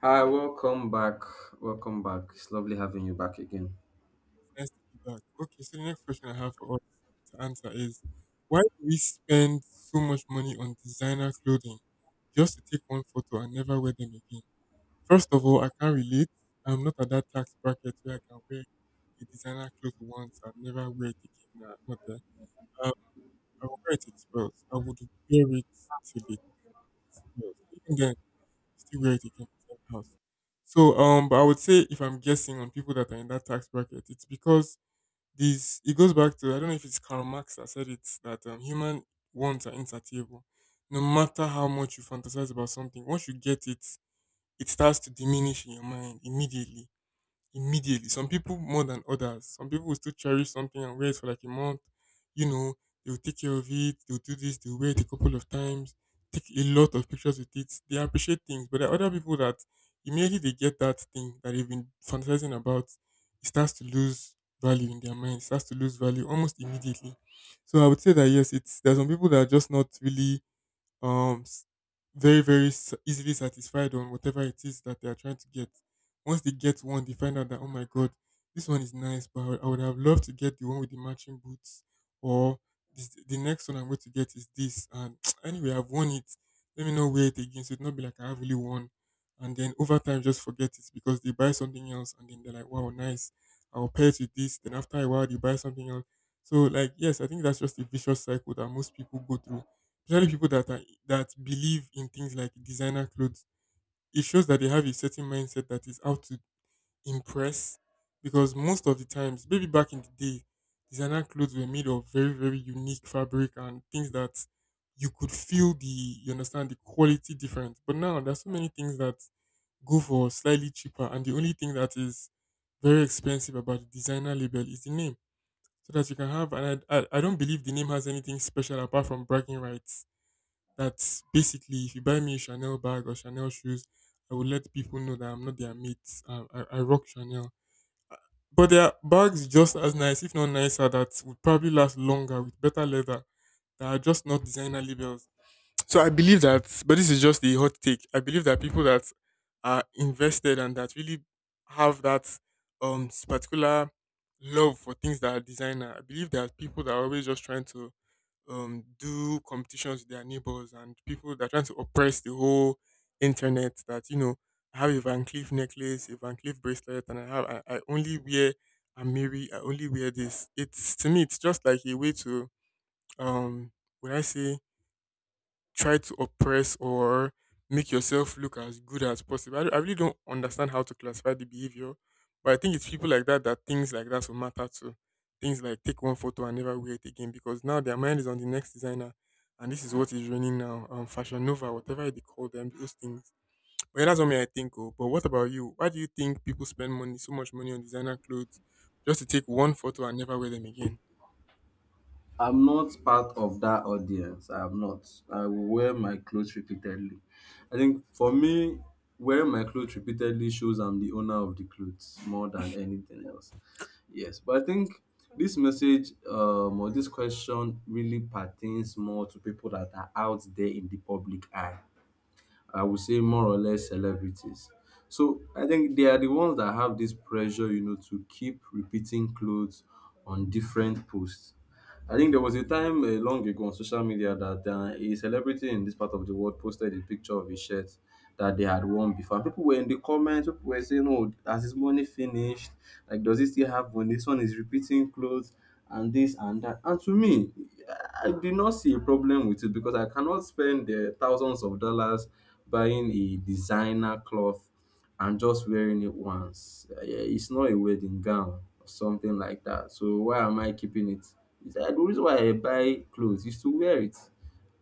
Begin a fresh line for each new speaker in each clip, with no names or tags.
Hi, welcome back. Welcome back. It's lovely having you back again.
Nice to be back. Okay, so the next question I have for us to answer is, why do we spend so much money on designer clothing just to take one photo and never wear them again? First of all, I can't relate. I'm not at that tax bracket where I can wear a designer cloth once and never wear it again. Nah, I'm not there. Um, I will wear it till it spoils. I would wear it till it spoils. Even then, still wear it again in the house. So, but I would say if I'm guessing on people that are in that tax bracket, it's because this it goes back to, I don't know if it's Karl Marx that said it, that human wants are insatiable. No matter how much you fantasize about something, once you get it, it starts to diminish in your mind immediately. Some people more than others. Some people will still cherish something and wear it for like a month. You know, they'll take care of it, they'll do this, they'll wear it a couple of times, take a lot of pictures with it. They appreciate things. But there are other people that immediately they get that thing that they've been fantasizing about, it starts to lose value in their mind, it starts to lose value almost immediately. So I would say that yes, it's there are some people that are just not really um s- very, very easily satisfied on whatever it is that they are trying to get. Once they get one, they find out that, oh my god, this one is nice, but I would have loved to get the one with the matching boots, or this, the next one I'm going to get is this. And anyway, I've won it. Let me not wear it again, so it not be like I have really won. And then over time, just forget it because they buy something else, and then they're like, wow, nice. I'll pair it with this. Then after a while, they buy something else. So like, yes, I think that's just a vicious cycle that most people go through. Especially people that are that believe in things like designer clothes. It shows that they have a certain mindset that is out to impress. Because most of the times, maybe back in the day, designer clothes were made of very, very unique fabric and things that you could feel the you understand the quality difference. But now there's so many things that go for slightly cheaper, and the only thing that is very expensive about the designer label is the name. So that you can have, and I don't believe the name has anything special apart from bragging rights. That's basically if you buy me a Chanel bag or Chanel shoes, I will let people know that I'm not their mate. I rock Chanel. But there are bags just as nice, if not nicer, that would probably last longer with better leather, that are just not designer labels. So I believe that, but this is just a hot take. I believe that people that are invested and that really have that particular love for things that are designer. I believe there are people that are always just trying to do competitions with their neighbors and people that are trying to oppress the whole internet. That, you know, I have a Van Cleef necklace, a Van Cleef bracelet, and I have I only wear Amiri. I only wear this. It's to me, it's just like a way to um. Would I say try to oppress or make yourself look as good as possible. I really don't understand how to classify the behavior, but I think it's people like that that things like that will matter to. Things like take one photo and never wear it again because now their mind is on the next designer, and this is what is running now. Fashion Nova, whatever they call them, those things. But yeah, that's what me I think. Oh, but what about you? Why do you think people spend money so much money on designer clothes just to take one photo and never wear them again?
I'm not part of that audience. I'm not. I will wear my clothes repeatedly. I think for me, wearing my clothes repeatedly shows I'm the owner of the clothes more than anything else. Yes, but I think this message or this question really pertains more to people that are out there in the public eye. I would say more or less celebrities. So I think they are the ones that have this pressure, you know, to keep repeating clothes on different posts. I think there was a time long ago on social media that a celebrity in this part of the world posted a picture of a shirt that they had worn before. People were in the comments, people were saying, "Oh, has his money finished? Like, does he still have money? This one is repeating clothes and this and that." And to me, I did not see a problem with it because I cannot spend thousands of dollars buying a designer cloth and just wearing it once. Yeah, it's not a wedding gown or something like that. So why am I keeping it? It's like the reason why I buy clothes is to wear it.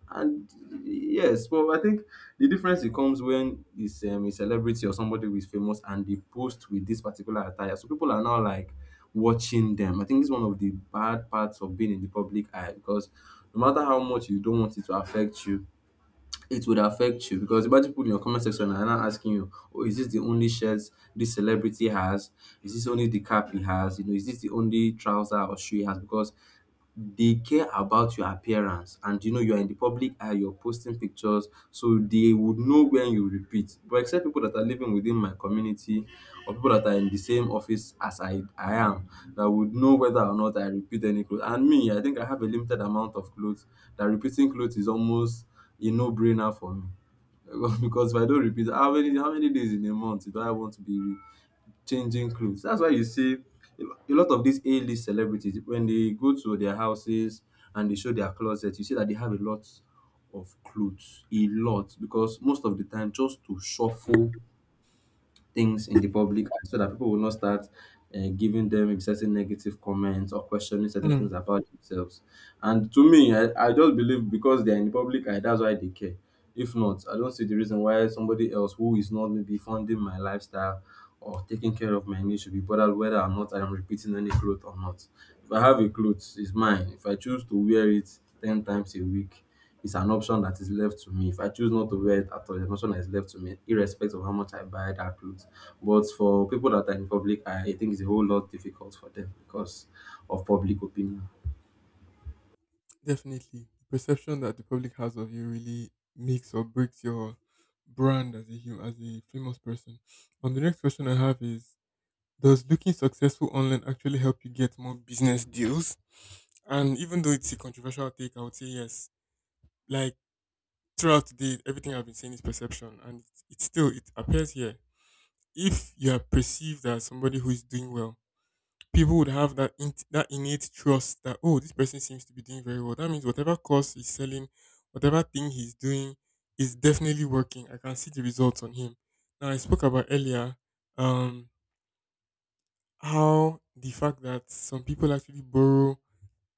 And yes, but I think the difference it comes when it's a celebrity or somebody who is famous and they post with this particular attire. So people are now like watching them. I think it's one of the bad parts of being in the public eye because no matter how much you don't want it to affect you, it would affect you because imagine people in your comment section are now asking you, "Oh, is this the only shirt this celebrity has? Is this only the cap he has? You know, is this the only trouser or shoe he has?" Because they care about your appearance and you know you are in the public eye, you're posting pictures, so they would know when you repeat. But except people that are living within my community or people that are in the same office as I am that would know whether or not I repeat any clothes. And me, I think I have a limited amount of clothes that repeating clothes is almost a no-brainer for me. Because if I don't repeat, how many days in a month do I want to be changing clothes? That's why you see a lot of these A-list celebrities when they go to their houses and they show their closet, you see that they have a lot of clothes, a lot, because most of the time just to shuffle things in the public eye so that people will not start giving them certain negative comments or questioning certain things about themselves. And to me, I just believe because they're in the public eye, that's why they care. If not, I don't see the reason why somebody else who is not maybe funding my lifestyle or taking care of my needs should be bothered whether or not I am repeating any clothes or not. If I have a clothes, it's mine. If I choose to wear it 10 times a week, it's an option that is left to me. If I choose not to wear it at all, it's an option that is left to me, irrespective of how much I buy that clothes. But for people that are in public eye, I think it's a whole lot difficult for them because of public opinion.
Definitely. The perception that the public has of you really makes or breaks your brand as as a famous person. And the next question I have is, does looking successful online actually help you get more business deals? And even though it's a controversial take, I would say yes. Like, throughout the day, everything I've been saying is perception, and it's still it appears here. If you are perceived as somebody who is doing well, people would have that in, that innate trust that, oh, this person seems to be doing very well, that means whatever course he's selling, whatever thing he's doing is definitely working. I can see the results on him. Now, I spoke about earlier um how the fact that some people actually borrow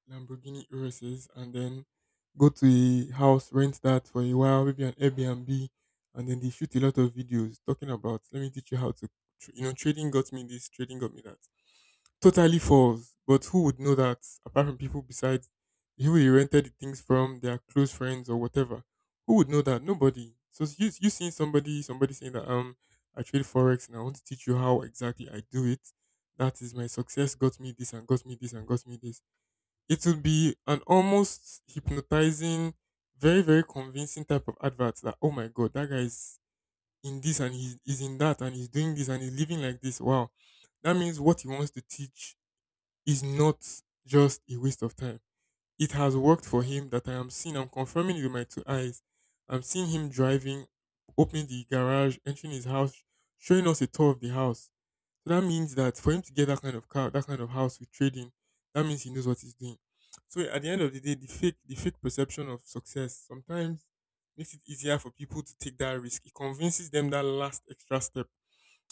Lamborghini Uruses and then go to a house, rent that for a while, maybe an Airbnb, and then they shoot a lot of videos talking about, let me teach you how to you know, trading got me this, trading got me that. Totally false. But who would know that apart from people besides who he rented the things from, their close friends or whatever? Who would know that? Nobody. So you seeing somebody somebody saying that, I trade forex and I want to teach you how exactly I do it. That is my success got me this and got me this and got me this. It would be an almost hypnotizing, very very convincing type of advert that, oh my god, that guy is in this and he's in that and he's doing this and he's living like this. Wow, that means what he wants to teach is not just a waste of time. It has worked for him, that I am seeing, I'm confirming it with my two eyes. I'm seeing him driving, opening the garage, entering his house, showing us a tour of the house. So that means that for him to get that kind of car, that kind of house with trading, that means he knows what he's doing. So at the end of the day, the fake perception of success sometimes makes it easier for people to take that risk. It convinces them that last extra step.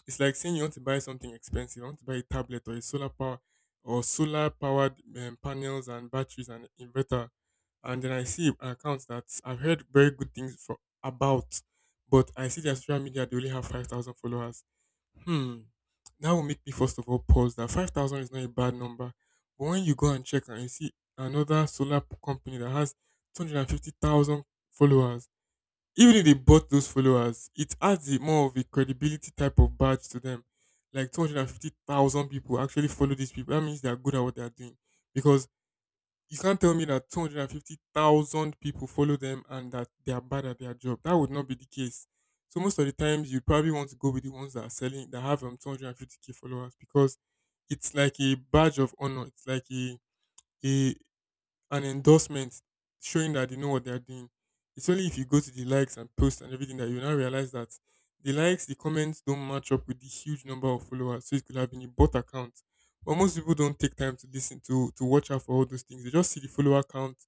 It's like saying, you want to buy something expensive. I want to buy a tablet or a solar power or solar powered panels and batteries and inverter. And then I see an account that I've heard very good things for about, but I see their social media, they only have 5,000 followers. Hmm, that will make me first of all pause. That 5,000 is not a bad number, but when you go and check and you see another company that has 250,000 followers, even if they bought those followers, it adds a more of a credibility type of badge to them. Like 250,000 people actually follow these people. That means they are good at what they are doing. Because you can't tell me that 250,000 people follow them and that they are bad at their job. That would not be the case. So most of the times you probably want to go with the ones that are selling that have 250k followers because it's like a badge of honor. It's like a an endorsement showing that they know what they're doing. It's only if you go to the likes and posts and everything that you now realize that the likes, the comments don't match up with the huge number of followers. So it could have been a bot account. But most people don't take time to listen to watch out for all those things. They just see the follower count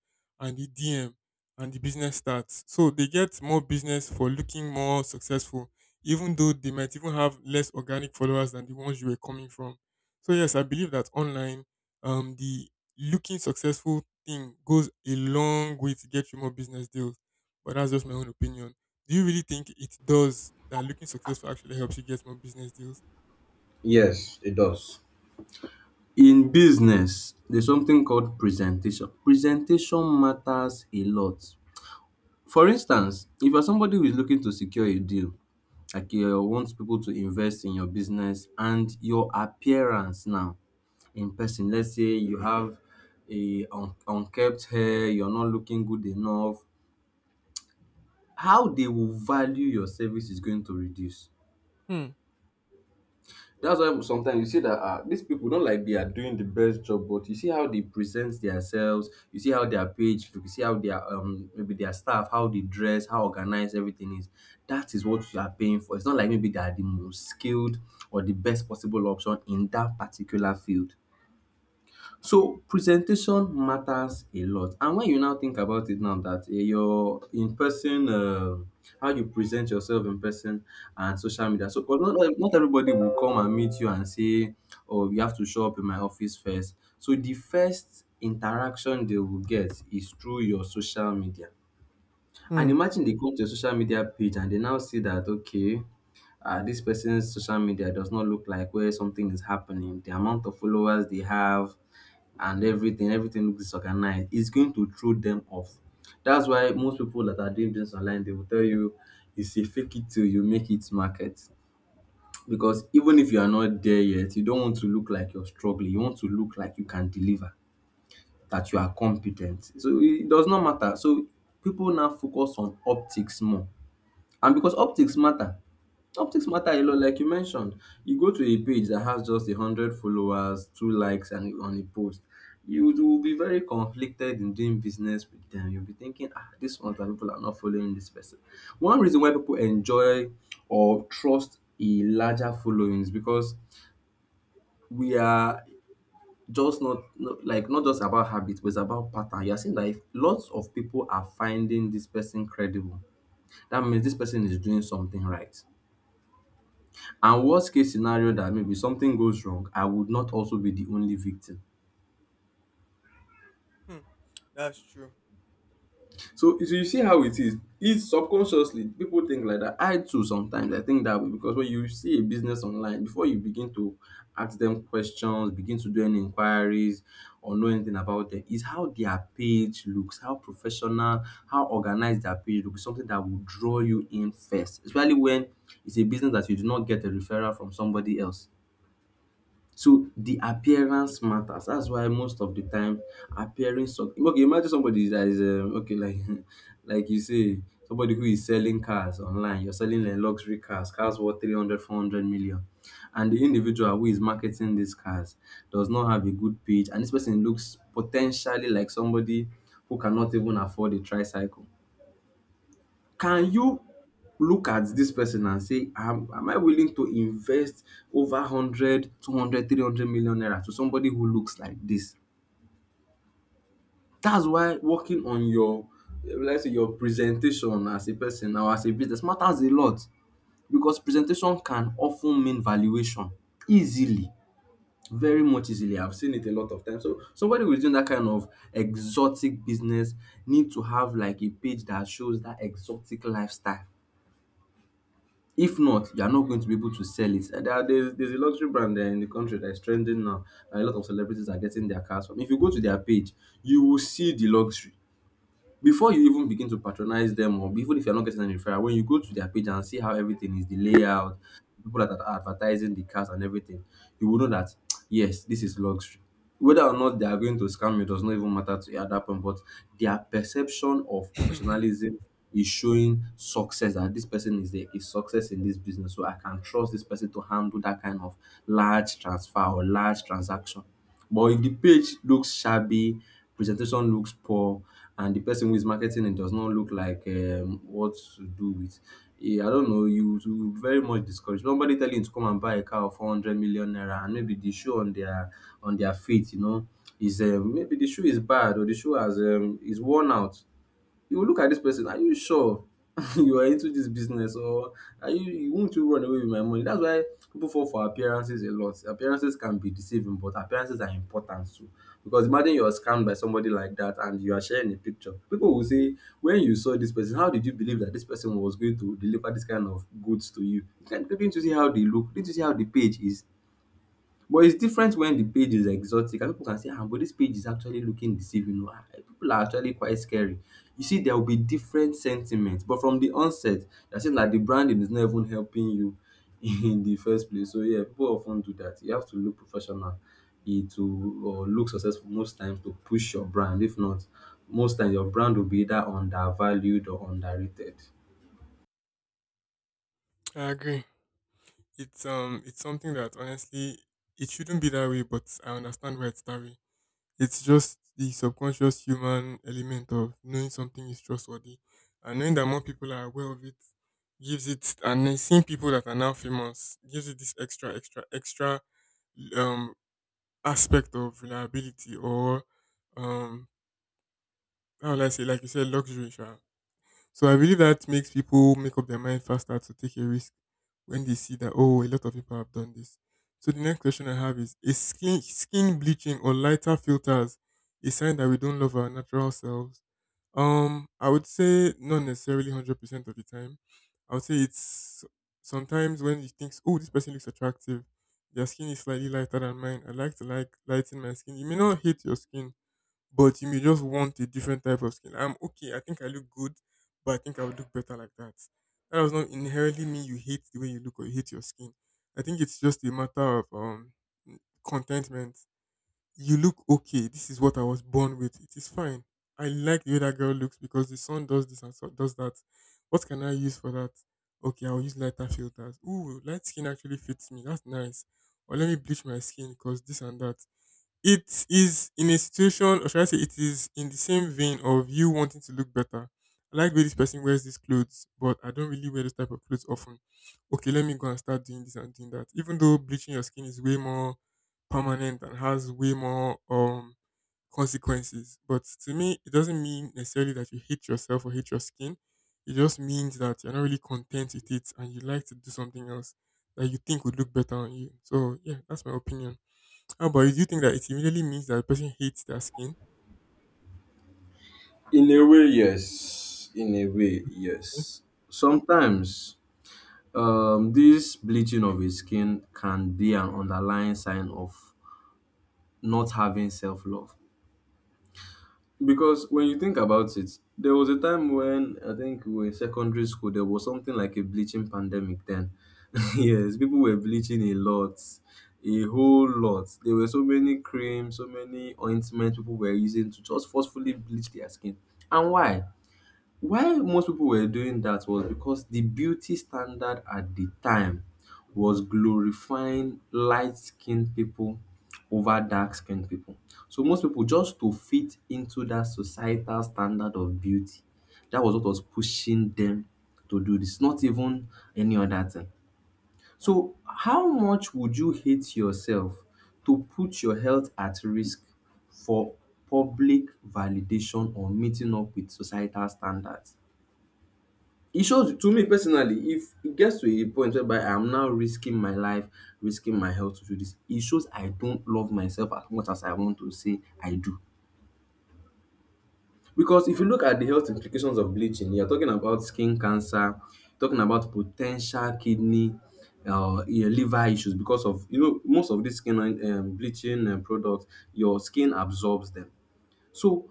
and the DM and the business stats. So they get more business for looking more successful, even though they might even have less organic followers than the ones you were coming from. So yes, I believe that online, the looking successful thing goes a long way to get you more business deals. But that's just my own opinion. Do you really think it does, that looking successful actually helps you get more business deals?
Yes, it does. In business, there's something called presentation. Presentation matters a lot. For instance, if you're somebody who is looking to secure a deal, like you want people to invest in your business and your appearance now in person. Let's say you have a unkempt hair, you're not looking good enough, how they will value your service is going to reduce.
Hmm.
That's why sometimes you see that ah, these people don't like they are doing the best job, but you see how they present themselves, you see how their page look, you see how their maybe their staff, how they dress, how organized everything is. That is what you are paying for. It's not like maybe they are the most skilled or the best possible option in that particular field. So presentation matters a lot and when you now think about it now that your in person how you present yourself in person and social media, so 'cause not everybody will come and meet you and say, "Oh, you have to show up in my office first." So the first interaction they will get is through your social media, and
Hmm.
imagine they come to your social media page and they now see that okay, this person's social media does not look like where something is happening. The amount of followers they have, and everything looks disorganized, it's going to throw them off. That's why most people that are doing business online, they will tell you it's a fake it till you make it market, because even if you are not there yet, you don't want to look like you're struggling, you want to look like you can deliver, that you are competent, so it does not matter. So people now focus on optics more, and because optics matter a lot, like you mentioned. You go to a page that has just a hundred followers, two likes, and on a post, you will be very conflicted in doing business with them. You'll be thinking, ah, this one that people are not following this person. One reason why people enjoy or trust a larger following is because we are just not like not just about habit, but it's about pattern. You're seeing that if lots of people are finding this person credible, that means this person is doing something right. And worst case scenario that maybe something goes wrong, I would not also be the only victim.
Hmm. That's true.
So, so you see how it is. It's subconsciously people think like that. I too sometimes I think that way, because when you see a business online, before you begin to ask them questions, begin to do any inquiries or know anything about them, is how their page looks, how professional, how organized their page looks, something that will draw you in first, especially when it's a business that you do not get a referral from somebody else. So the appearance matters. That's why most of the time appearing some okay, imagine somebody that is okay, like like you say, somebody who is selling cars online, you're selling luxury cars, cars worth 300, 400 million, and the individual who is marketing these cars does not have a good page, and this person looks potentially like somebody who cannot even afford a tricycle. Can
Hmm.
you look at this person and say, am I willing to invest over 100, 200, 300 million naira to somebody who looks like this? That's why working on your, eh, let's say, your presentation as a person or as a business matters a lot, because presentation can often mean valuation easily. Very much easily. I've seen it a lot of times. So somebody who's doing that kind of exotic business need to have like a page that shows that exotic lifestyle. If not, you're not going to be able to sell it. And there are, there's a luxury brand there in the country that is trending now, and a lot of celebrities are getting their cars from. If you go to their page, you will see the luxury before you even begin to patronize them, or even if you're not getting any referral, when you go to their page and see how everything is, the layout, people that are advertising the cars and everything, you will know that yes, this is luxury. Whether or not they are going to scam you does not even matter to you at that point, but their perception of professionalism is showing success, that this person is a, is success in this business, so I can trust this person to handle that kind of large transfer or large transaction. But if the page looks shabby, presentation looks poor, and the person who is marketing it does not look like what to do with, eh, I don't know, you will be very much discouraged. Nobody telling you to come and buy a car of 400 million naira, and maybe the shoe on their feet, you know, is maybe the shoe is bad or the shoe has is worn out. You go look at dis person, are you sure you are into dis business, or are you wont you run away with my money? Dats why people fall for appearances a lot. Appearances can be deceiving, but appearances are important too. Because imagine you are scammed by somebody like dat and you are sharing a picture, people will say, when you saw dis person, how did you believe dat dis person was going to deliver dis kind of goods to you? You can't, didnt you see how they look? Didnt you see how the page is? But it's different when the page is exotic, and people can say, ah, but this page is actually looking deceiving oh. Ah, people are actually quite scary. You see, there will be different sentiments. But from the onset, you're saying that the branding is not even helping you in the first place. So yeah, people often do that. You have to look professional, eh, to or look successful most times to push your brand. If not, most times your brand will be either undervalued or underrated.
I agree. It's something that honestly it shouldn't be that way, but I understand why it's that way. It's just the subconscious human element of knowing something is trustworthy. And knowing that more people are aware of it gives it, and then seeing people that are now famous gives it this extra, extra, extra um aspect of reliability or um how will I say like you said luxury sha. So I believe that makes people make up their mind faster to take a risk when they see that oh a lot of people have done this. So the next question I have is skin bleaching or lighter filters a sign that we don't love our natural selves? I would say not necessarily 100% of the time. I would say it's sometimes when you think oh this person looks attractive, their skin is slightly lighter than mine. I like to like lighten my skin. You may not hate your skin but you may just want a different type of skin. I'm okay. I think I look good, but I think I would look better like that. That does not inherently mean you hate the way you look or you hate your skin. I think it's just a matter of contentment. You look okay. This is what I was born with. It is fine. I like the way that girl looks because the sun does this and so does that. What can I use for that? Okay, I'll use lighter filters. Ooh, light skin actually fits me. That's nice. Or let me bleach my skin because this and that. It is in a situation, or should I say, it is in the same vein of you wanting to look better. I like the way this person wears these clothes, but I don't really wear this type of clothes often. Okay, let me go and start doing this and doing that. Even though bleaching your skin is way more permanent and has way more consequences, but to me, it doesn't mean necessarily that you hate yourself or hate your skin. It just means that you're not really content with it and you like to do something else that you think would look better on you. So yeah, that's my opinion. Oh, but do you think that it immediately means that the person hates their skin?
In a way, yes. In a way, yes. Sometimes. This bleaching of a skin can be an underlying sign of not having self love. Because when you think about it, there was a time when I think we were in secondary school, there was something like a bleaching pandemic then. Yes, people were bleaching a lot, a whole lot. There were so many creams, so many ointments people were using to just forcefully bleach their skin. And why? Why most people were doing that was because the beauty standard at the time was glorifying light skinned people over dark skinned people. So most people, just to fit into that societal standard of beauty, that was what was pushing them to do this, not even any other thing. So how much would you hate yourself to put your health at risk for public validation or meeting up with societal standards? It shows to me personally, if it gets to a point whereby I'm now risking my life, risking my health to do this, it shows I don't love myself as much as I want to say I do. Because if you look at the health implications of bleaching, you're talking about skin cancer, talking about potential kidney, your liver issues, because of most of these skin bleaching products, your skin absorbs them. So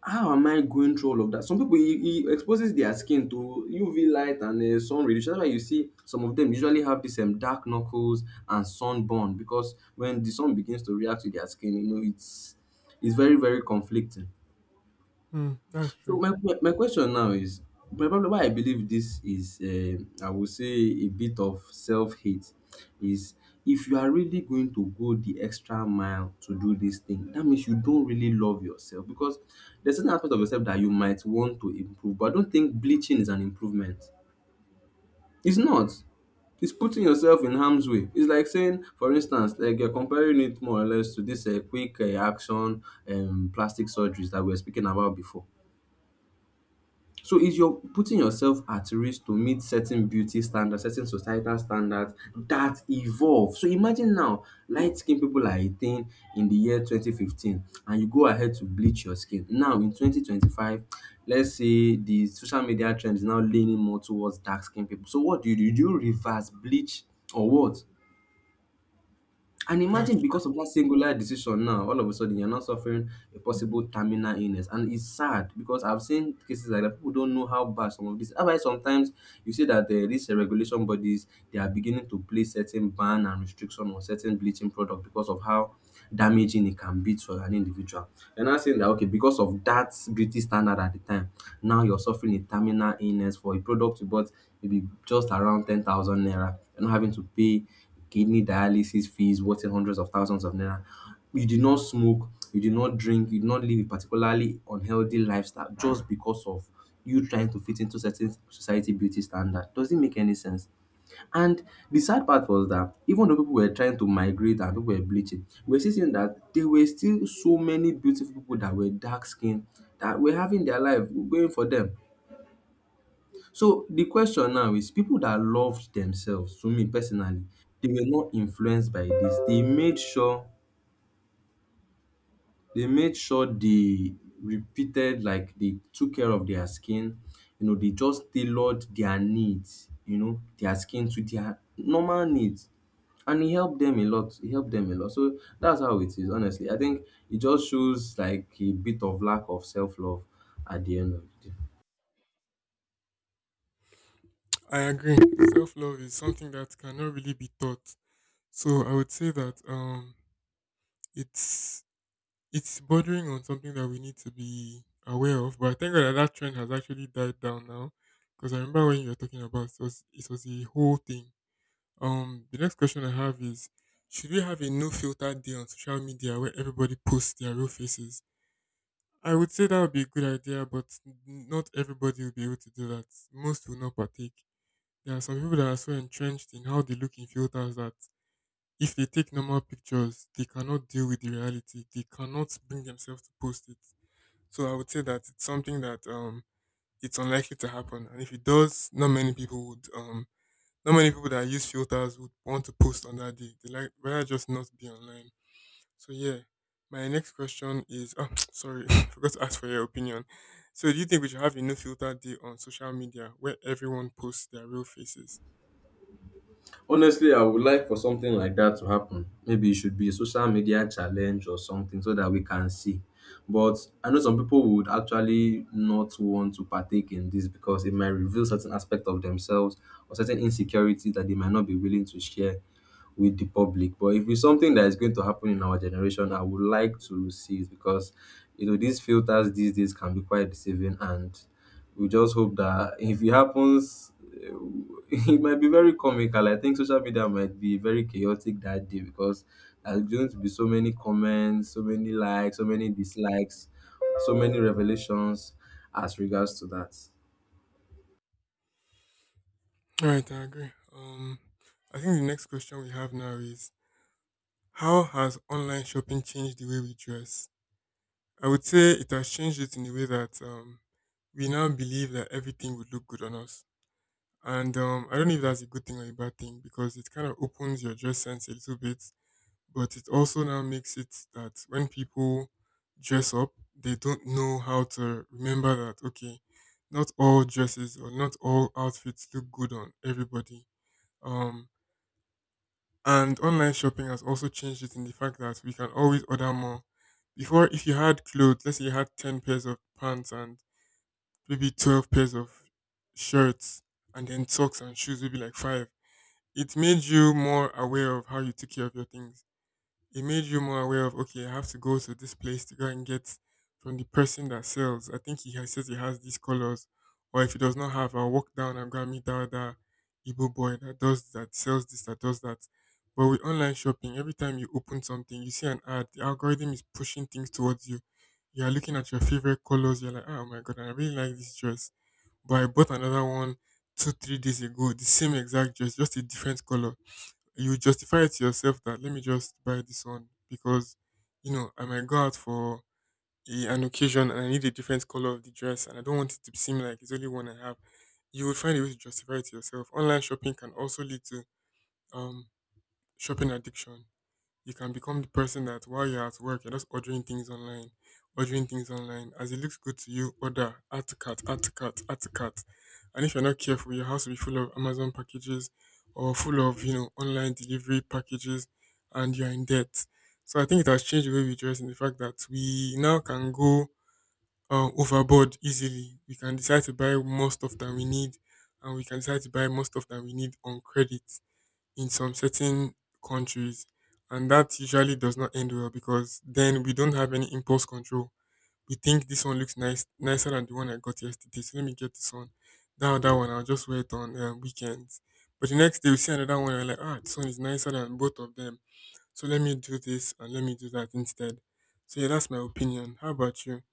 how am I going through all of that? Some people, he it exposes their skin to UV light and sun radiation. That's why you see some of them usually have this dark knuckles and sunburn, because when the sun begins to react to their skin, it's very very conflicting.
Hmm, that's
So
true.
my question now is, my problem, why I believe this is I would say a bit of self-hate, is if you are really going to go the extra mile to do this thing, that means you don't really love yourself, because there's certain aspect of yourself that you might want to improve, but I don't think bleaching is an improvement. It's not. It's putting yourself in harm's way. It's like saying, for instance, like you're comparing it more or less to this quick action plastic surgeries that we were speaking about before. So is you're putting yourself at risk to meet certain beauty standards, certain societal standards that evolve. So imagine now light skinned people are a thing in the year 2015, and you go ahead to bleach your skin. Now in 2025, let's say the social media trend is now leaning more towards dark skinned people. So what do you do? Do you reverse bleach or what? And
That's
imagine, because of
true.
that singular decision, now, all of a sudden, you're not suffering a possible terminal illness. And it's sad because I've seen cases like that. People don't know how bad some of this. That's why sometimes you see that these regulation bodies, they are beginning to place certain ban and restriction on certain bleaching product because of how damaging it can be to an individual. You're not saying that okay, because of that beauty standard at the time, now you're suffering a terminal illness for a product you bought maybe just around 10,000 naira. You're not having to pay kidney dialysis fees worth in hundreds of thousands of naira. You did not smoke, you did not drink, you did not live a particularly unhealthy lifestyle, just because of you trying to fit into certain society beauty standard. Does it make any sense? And the sad part was that even though people were trying to migrate and people were bleaching, we're still seeing that there were still so many beautiful people that were dark skinned, that were having their life going for them. So the question now is, people that loved themselves, to me personally, they were not influenced by this. They made sure they repeated, like, they took care of their skin. They just tailored their needs, their skin, to their normal needs. And it helped them a lot. It helped them a lot. So that's how it is, honestly. I think it just shows like a bit of lack of self-love at the end of the day.
I agree. Self love is something that cannot really be taught. So I would say that it's it's bordering on something that we need to be aware of. But I think that that trend has actually died down now. Because I remember when you were talking about it was a whole thing. The next question I have is: should we have a no filter day on social media where everybody posts their real faces? I would say that would be a good idea, but not everybody will be able to do that. Most will not partake. There are some people that are so entrenched in how they look in filters that if they take normal pictures, they cannot deal with the reality. They cannot bring themselves to post it. So I would say that it's something that it's unlikely to happen. And if it does, not many people that use filters would want to post on that day. They like rather just not be online. So yeah, my next question is sorry, forgot to ask for your opinion. So do you think we should have a no filter day on social media where everyone posts their real faces?
Honestly, I would like for something like that to happen. Maybe it should be a social media challenge or something, so that we can see. But I know some people would actually not want to partake in this, because it might reveal certain aspect of themselves or certain insecurity that they might not be willing to share with the public. But if it's something that is going to happen in our generation, I would like to see it, because these filters these days can be quite deceiving, and we just hope that if it happens, it might be very comical. I think social media might be very chaotic that day, because there's going to be so many comments, so many likes, so many dislikes, so many revelations as regards to that.
Alright, I agree. I think the next question we have now is how has online shopping changed the way we dress? I would say it has changed it in the way that we now believe that everything would look good on us. And I don't know if that's a good thing or a bad thing because it kind of opens your dress sense a little bit. But it also now makes it that when people dress up, they don't know how to remember that, okay, not all dresses or not all outfits look good on everybody. Um, and online shopping has also changed it in the fact that we can always order more. Before, if you had clothes, let's say you had 10 pairs of pants and maybe 12 pairs of shirts and then socks and shoes, maybe like five. It made you more aware of how you took care of your things. It made you more aware of okay, I have to go to this place to go and get from the person that sells. I think says he has these colors, or if he does not have, I'll walk down and go and meet that other Igbo boy that does that sells this that does that. But with online shopping, every time you open something, you see an ad. The algorithm is pushing things towards you. You are looking at your favorite colors. You're like, oh my god, I really like this dress, but I bought another one two three days ago. The same exact dress, just a different color. You justify it to yourself that let me just buy this one because you know I might go out for an occasion and I need a different color of the dress and I don't want it to seem like it's only one I have. You will find a way to justify it to yourself. Online shopping can also lead to um shopping addiction. You can become the person that while you're at work, you're just ordering things online, ordering things online. As it looks good to you, order, add to cart, add to cart, add to cart. And if you're not careful, your house will be full of Amazon packages or full of online delivery packages and you're in debt. So I think it has changed the way we dress in the fact that we now can go overboard easily. We can decide to buy more stuff than we need and we can decide to buy more stuff than we need on credit in some certain countries. And that usually does not end well because then we don't have any impulse control. We think this one looks nice, nicer than the one I got yesterday, so let me get this one. That other one, I'll just wear it on weekends. But the next day, we see another one, and we're like, ah, this one is nicer than both of them. So let me do this and let me do that instead. So yeah, that's my opinion. How about you?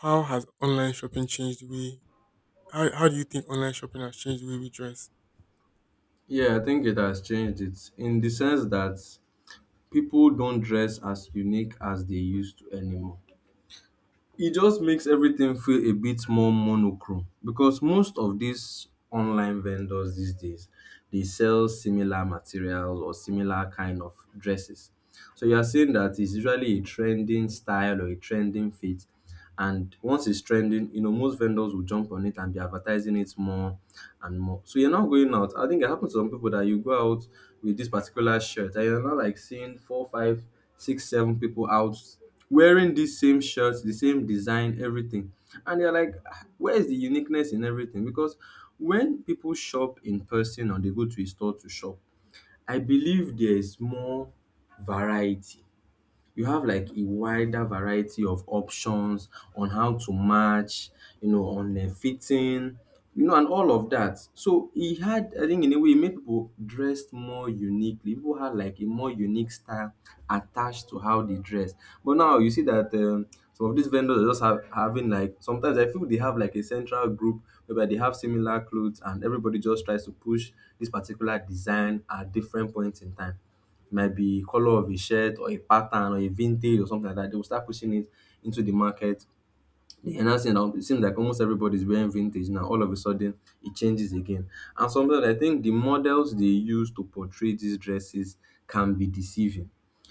How has online shopping changed the way? How do you think online shopping has changed the way we dress?
Yeah, I think it has changed it in the sense that people don't dress as unique as they used to anymore. It just makes everything feel a bit more monochrome, because most of these online vendors these days, they sell similar materials or similar kind of dresses. So you are saying that it's usually a trending style or a trending fit, and once it's trending, most vendors will jump on it and be advertising it more and more. So you're not going out. I think it happens to some people that you go out with this particular shirt and you're not like seeing four, five, six, seven people out wearing this same shirt, the same design, everything. And they are like, "Ah, where is the uniqueness in everything?" Because when people shop in person or they go to a store to shop, I believe there is more variety. You have like a wider variety of options on how to match, on fitting, and all of that. So he had, I think, in a way, it made people dressed more uniquely. People had like a more unique style attached to how they dress. But now you see that some of these vendors are just having, like, sometimes I feel they have like a central group, whereby they have similar clothes and everybody just tries to push this particular design at different points in time. Might be color of a shirt or a pattern or a vintage or something like that. They will start pushing it into the market. The enhancing now, it seems like almost everybody's wearing vintage now. All of a sudden, it changes again. And sometimes I think the models they use to portray these dresses can be deceiving,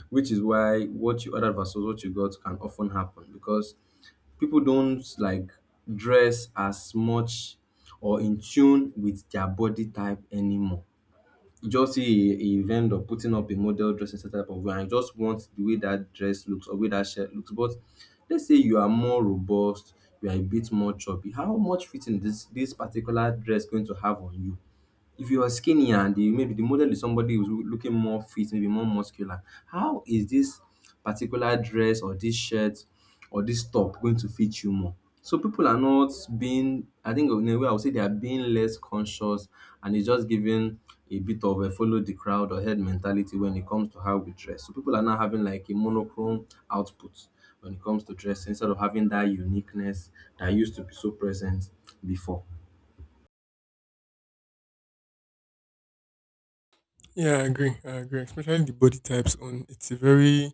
which is why what you ordered versus what you got can often happen, because people don't like dress as much, or in tune with their body type anymore. Just see a vendor putting up a model dressing type of way, and you just want the way that dress looks or way that shirt looks. But let's say you are more robust, you are a bit more chubby. How much fitting this particular dress going to have on you? If you are skinny, and the maybe the model is somebody who's looking more fit, maybe more muscular, how is this particular dress or this shirt or this top going to fit you more? So people are not being, I think in a way I would say they are being less conscious, and it's just giving a bit of a follow the crowd or head mentality when it comes to how we dress. So people are now having like a monochrome output when it comes to dressing, instead of having that uniqueness that used to be so present before.
Yeah, I agree. I agree. Especially the body types on it's a very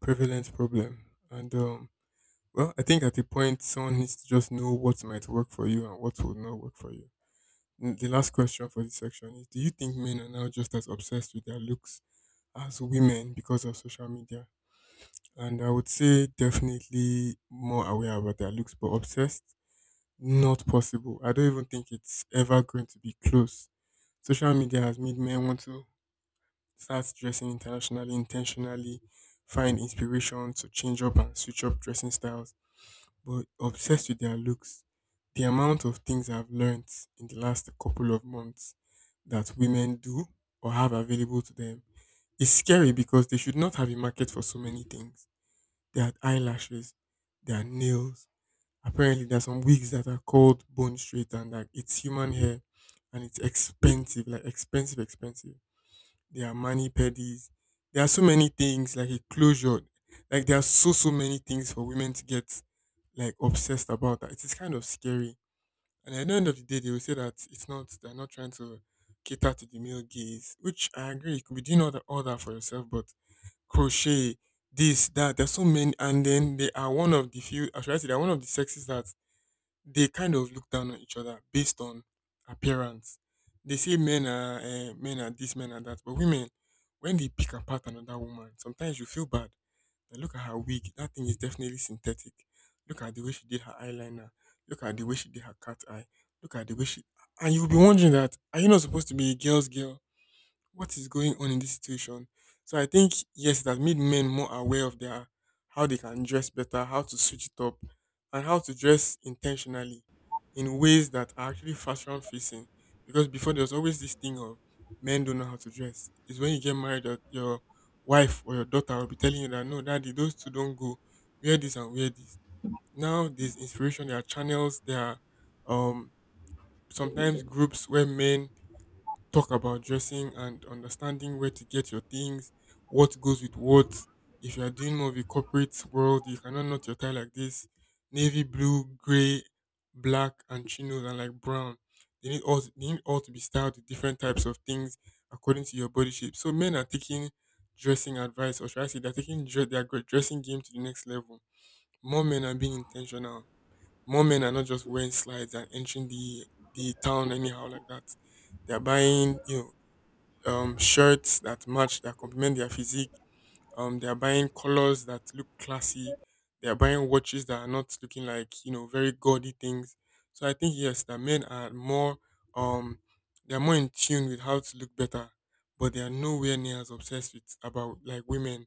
prevalent problem. And, well, I think at a point someone needs to just know what might work for you and what will not work for you. The last question for this section is do you think men are now just as obsessed with their looks as women because of social media? And I would say definitely more aware about their looks, but obsessed, not possible. I don't even think it's ever going to be close. Social media has made men want to start dressing internationally intentionally. Find inspiration to change up and switch up dressing styles. But obsessed with their looks. The amount of things I've learned in the last couple of months that women do or have available to them is scary because they should not have a market for so many things. They had eyelashes, they had nails. Apparently, there are some wigs that are called bone straight and like it's human hair and it's expensive, like expensive, expensive. There are mani pedis. There are so many things like a closure. Like there are so many things for women to get like obsessed about. That it is kind of scary. And at the end of the day, they will say that it's not. They're not trying to cater to the male gaze, which I agree. You could be doing all that for yourself, but crochet, this, that. There's so many, and then they are one of the few. Actually, they're one of the sexes that they kind of look down on each other based on appearance. They say men are this, men are that, but women, when they pick apart another woman, sometimes you feel bad. Now look at her wig; that thing is definitely synthetic. Look at the way she did her eyeliner. Look at the way she did her cat eye. Look at the way she, and you'll be wondering that are you not supposed to be a girl's girl? What is going on in this situation. So I think yes, it has made men more aware of their how they can dress better, how to switch it up, and how to dress intentionally in ways that are actually fashion facing. Because before there was always this thing of men don't know how to dress. It's when you get married that your wife or your daughter will be telling you that no, daddy, those two don't go. Wear this and wear this. Now there's inspiration, there are channels, there are um sometimes groups where men talk about dressing and understanding where to get your things, what goes with what. If you are doing more of a corporate world, you cannot knot your tie like this. Navy blue, grey, black, and chinos and like brown. They need all to be styled with different types of things according to your body shape. So men are taking dressing advice, or should I say, they're taking their dressing game to the next level. More men are being intentional. More men are not just wearing slides and entering the town anyhow like that. They're buying shirts that match, that complement their physique. They are buying colors that look classy. They are buying watches that are not looking like very gaudy things. So I think yes, that men are more um, they are more in tune with how to look better, but they are nowhere near as obsessed with about like women,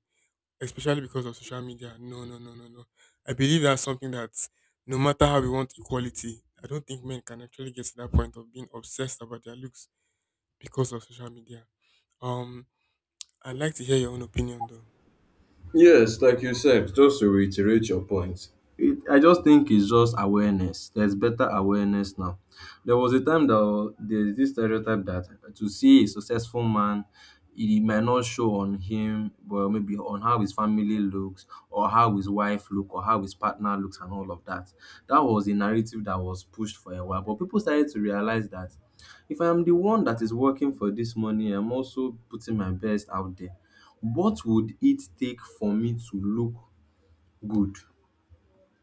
especially because of social media. No, no, no, no, no. I believe that's something that no matter how we want equality, I don't think men can actually get to that point of being obsessed about their looks because of social media. Um, I'd like to hear your own opinion though.
Yes, like you said, just to reiterate your point, I just think it's just awareness. There's better awareness now. There was a time that there's this stereotype that to see a successful man, it might not show on him, but maybe on how his family looks, or how his wife look, or how his partner looks, and all of that. That was a narrative that was pushed for a while, but people started to realize that if I am the one that is working for this money, I'm also putting my best out there. What would it take for me to look good?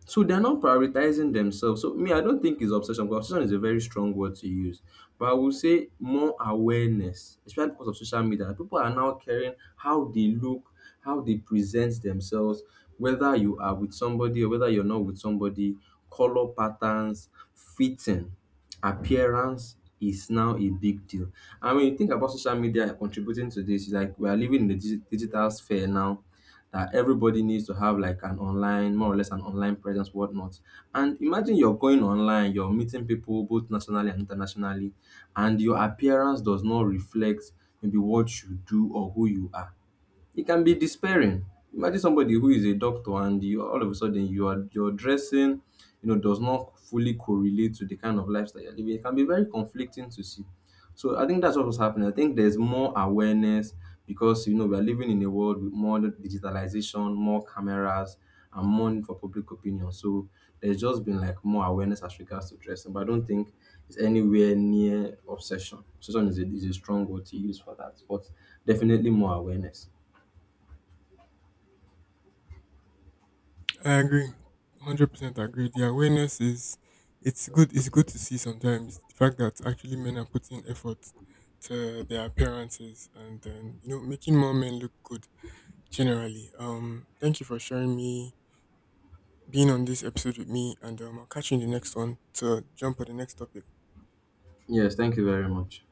So they're not prioritizing themselves. So me, I don't think it's obsession. Because obsession is a very strong word to use, but I will say more awareness, especially because of social media. People are now caring how they look, how they present themselves, whether you are with somebody or whether you're not with somebody. Color patterns, fitting, appearance is now a big deal. And when you think about social media contributing to this, it's like we are living in the digital sphere now, that everybody needs to have like an online, more or less an online presence, whatnot. And imagine you're going online, you're meeting people both nationally and internationally, and your appearance does not reflect maybe what you do or who you are. It can be despairing. Imagine somebody who is a doctor, and you all of a sudden your dressing, does not fully correlate to the kind of lifestyle you're living. It can be very conflicting to see. So I think that's what was happening. I think there's more awareness, because we are living in a world with more digitalization, more cameras, and more need for public opinion. So there's just been like more awareness as regards to dressing, but I don't think it's anywhere near obsession. Obsession is a strong word to use for that, but definitely more awareness.
I agree. 100% agree. The awareness is it's good to see sometimes the fact that actually men are putting effort to their appearances and then making more men look good generally. Thank you for sharing me being on this episode with me and I'll catch you in the next one to jump on the next topic.
Yes, thank you very much.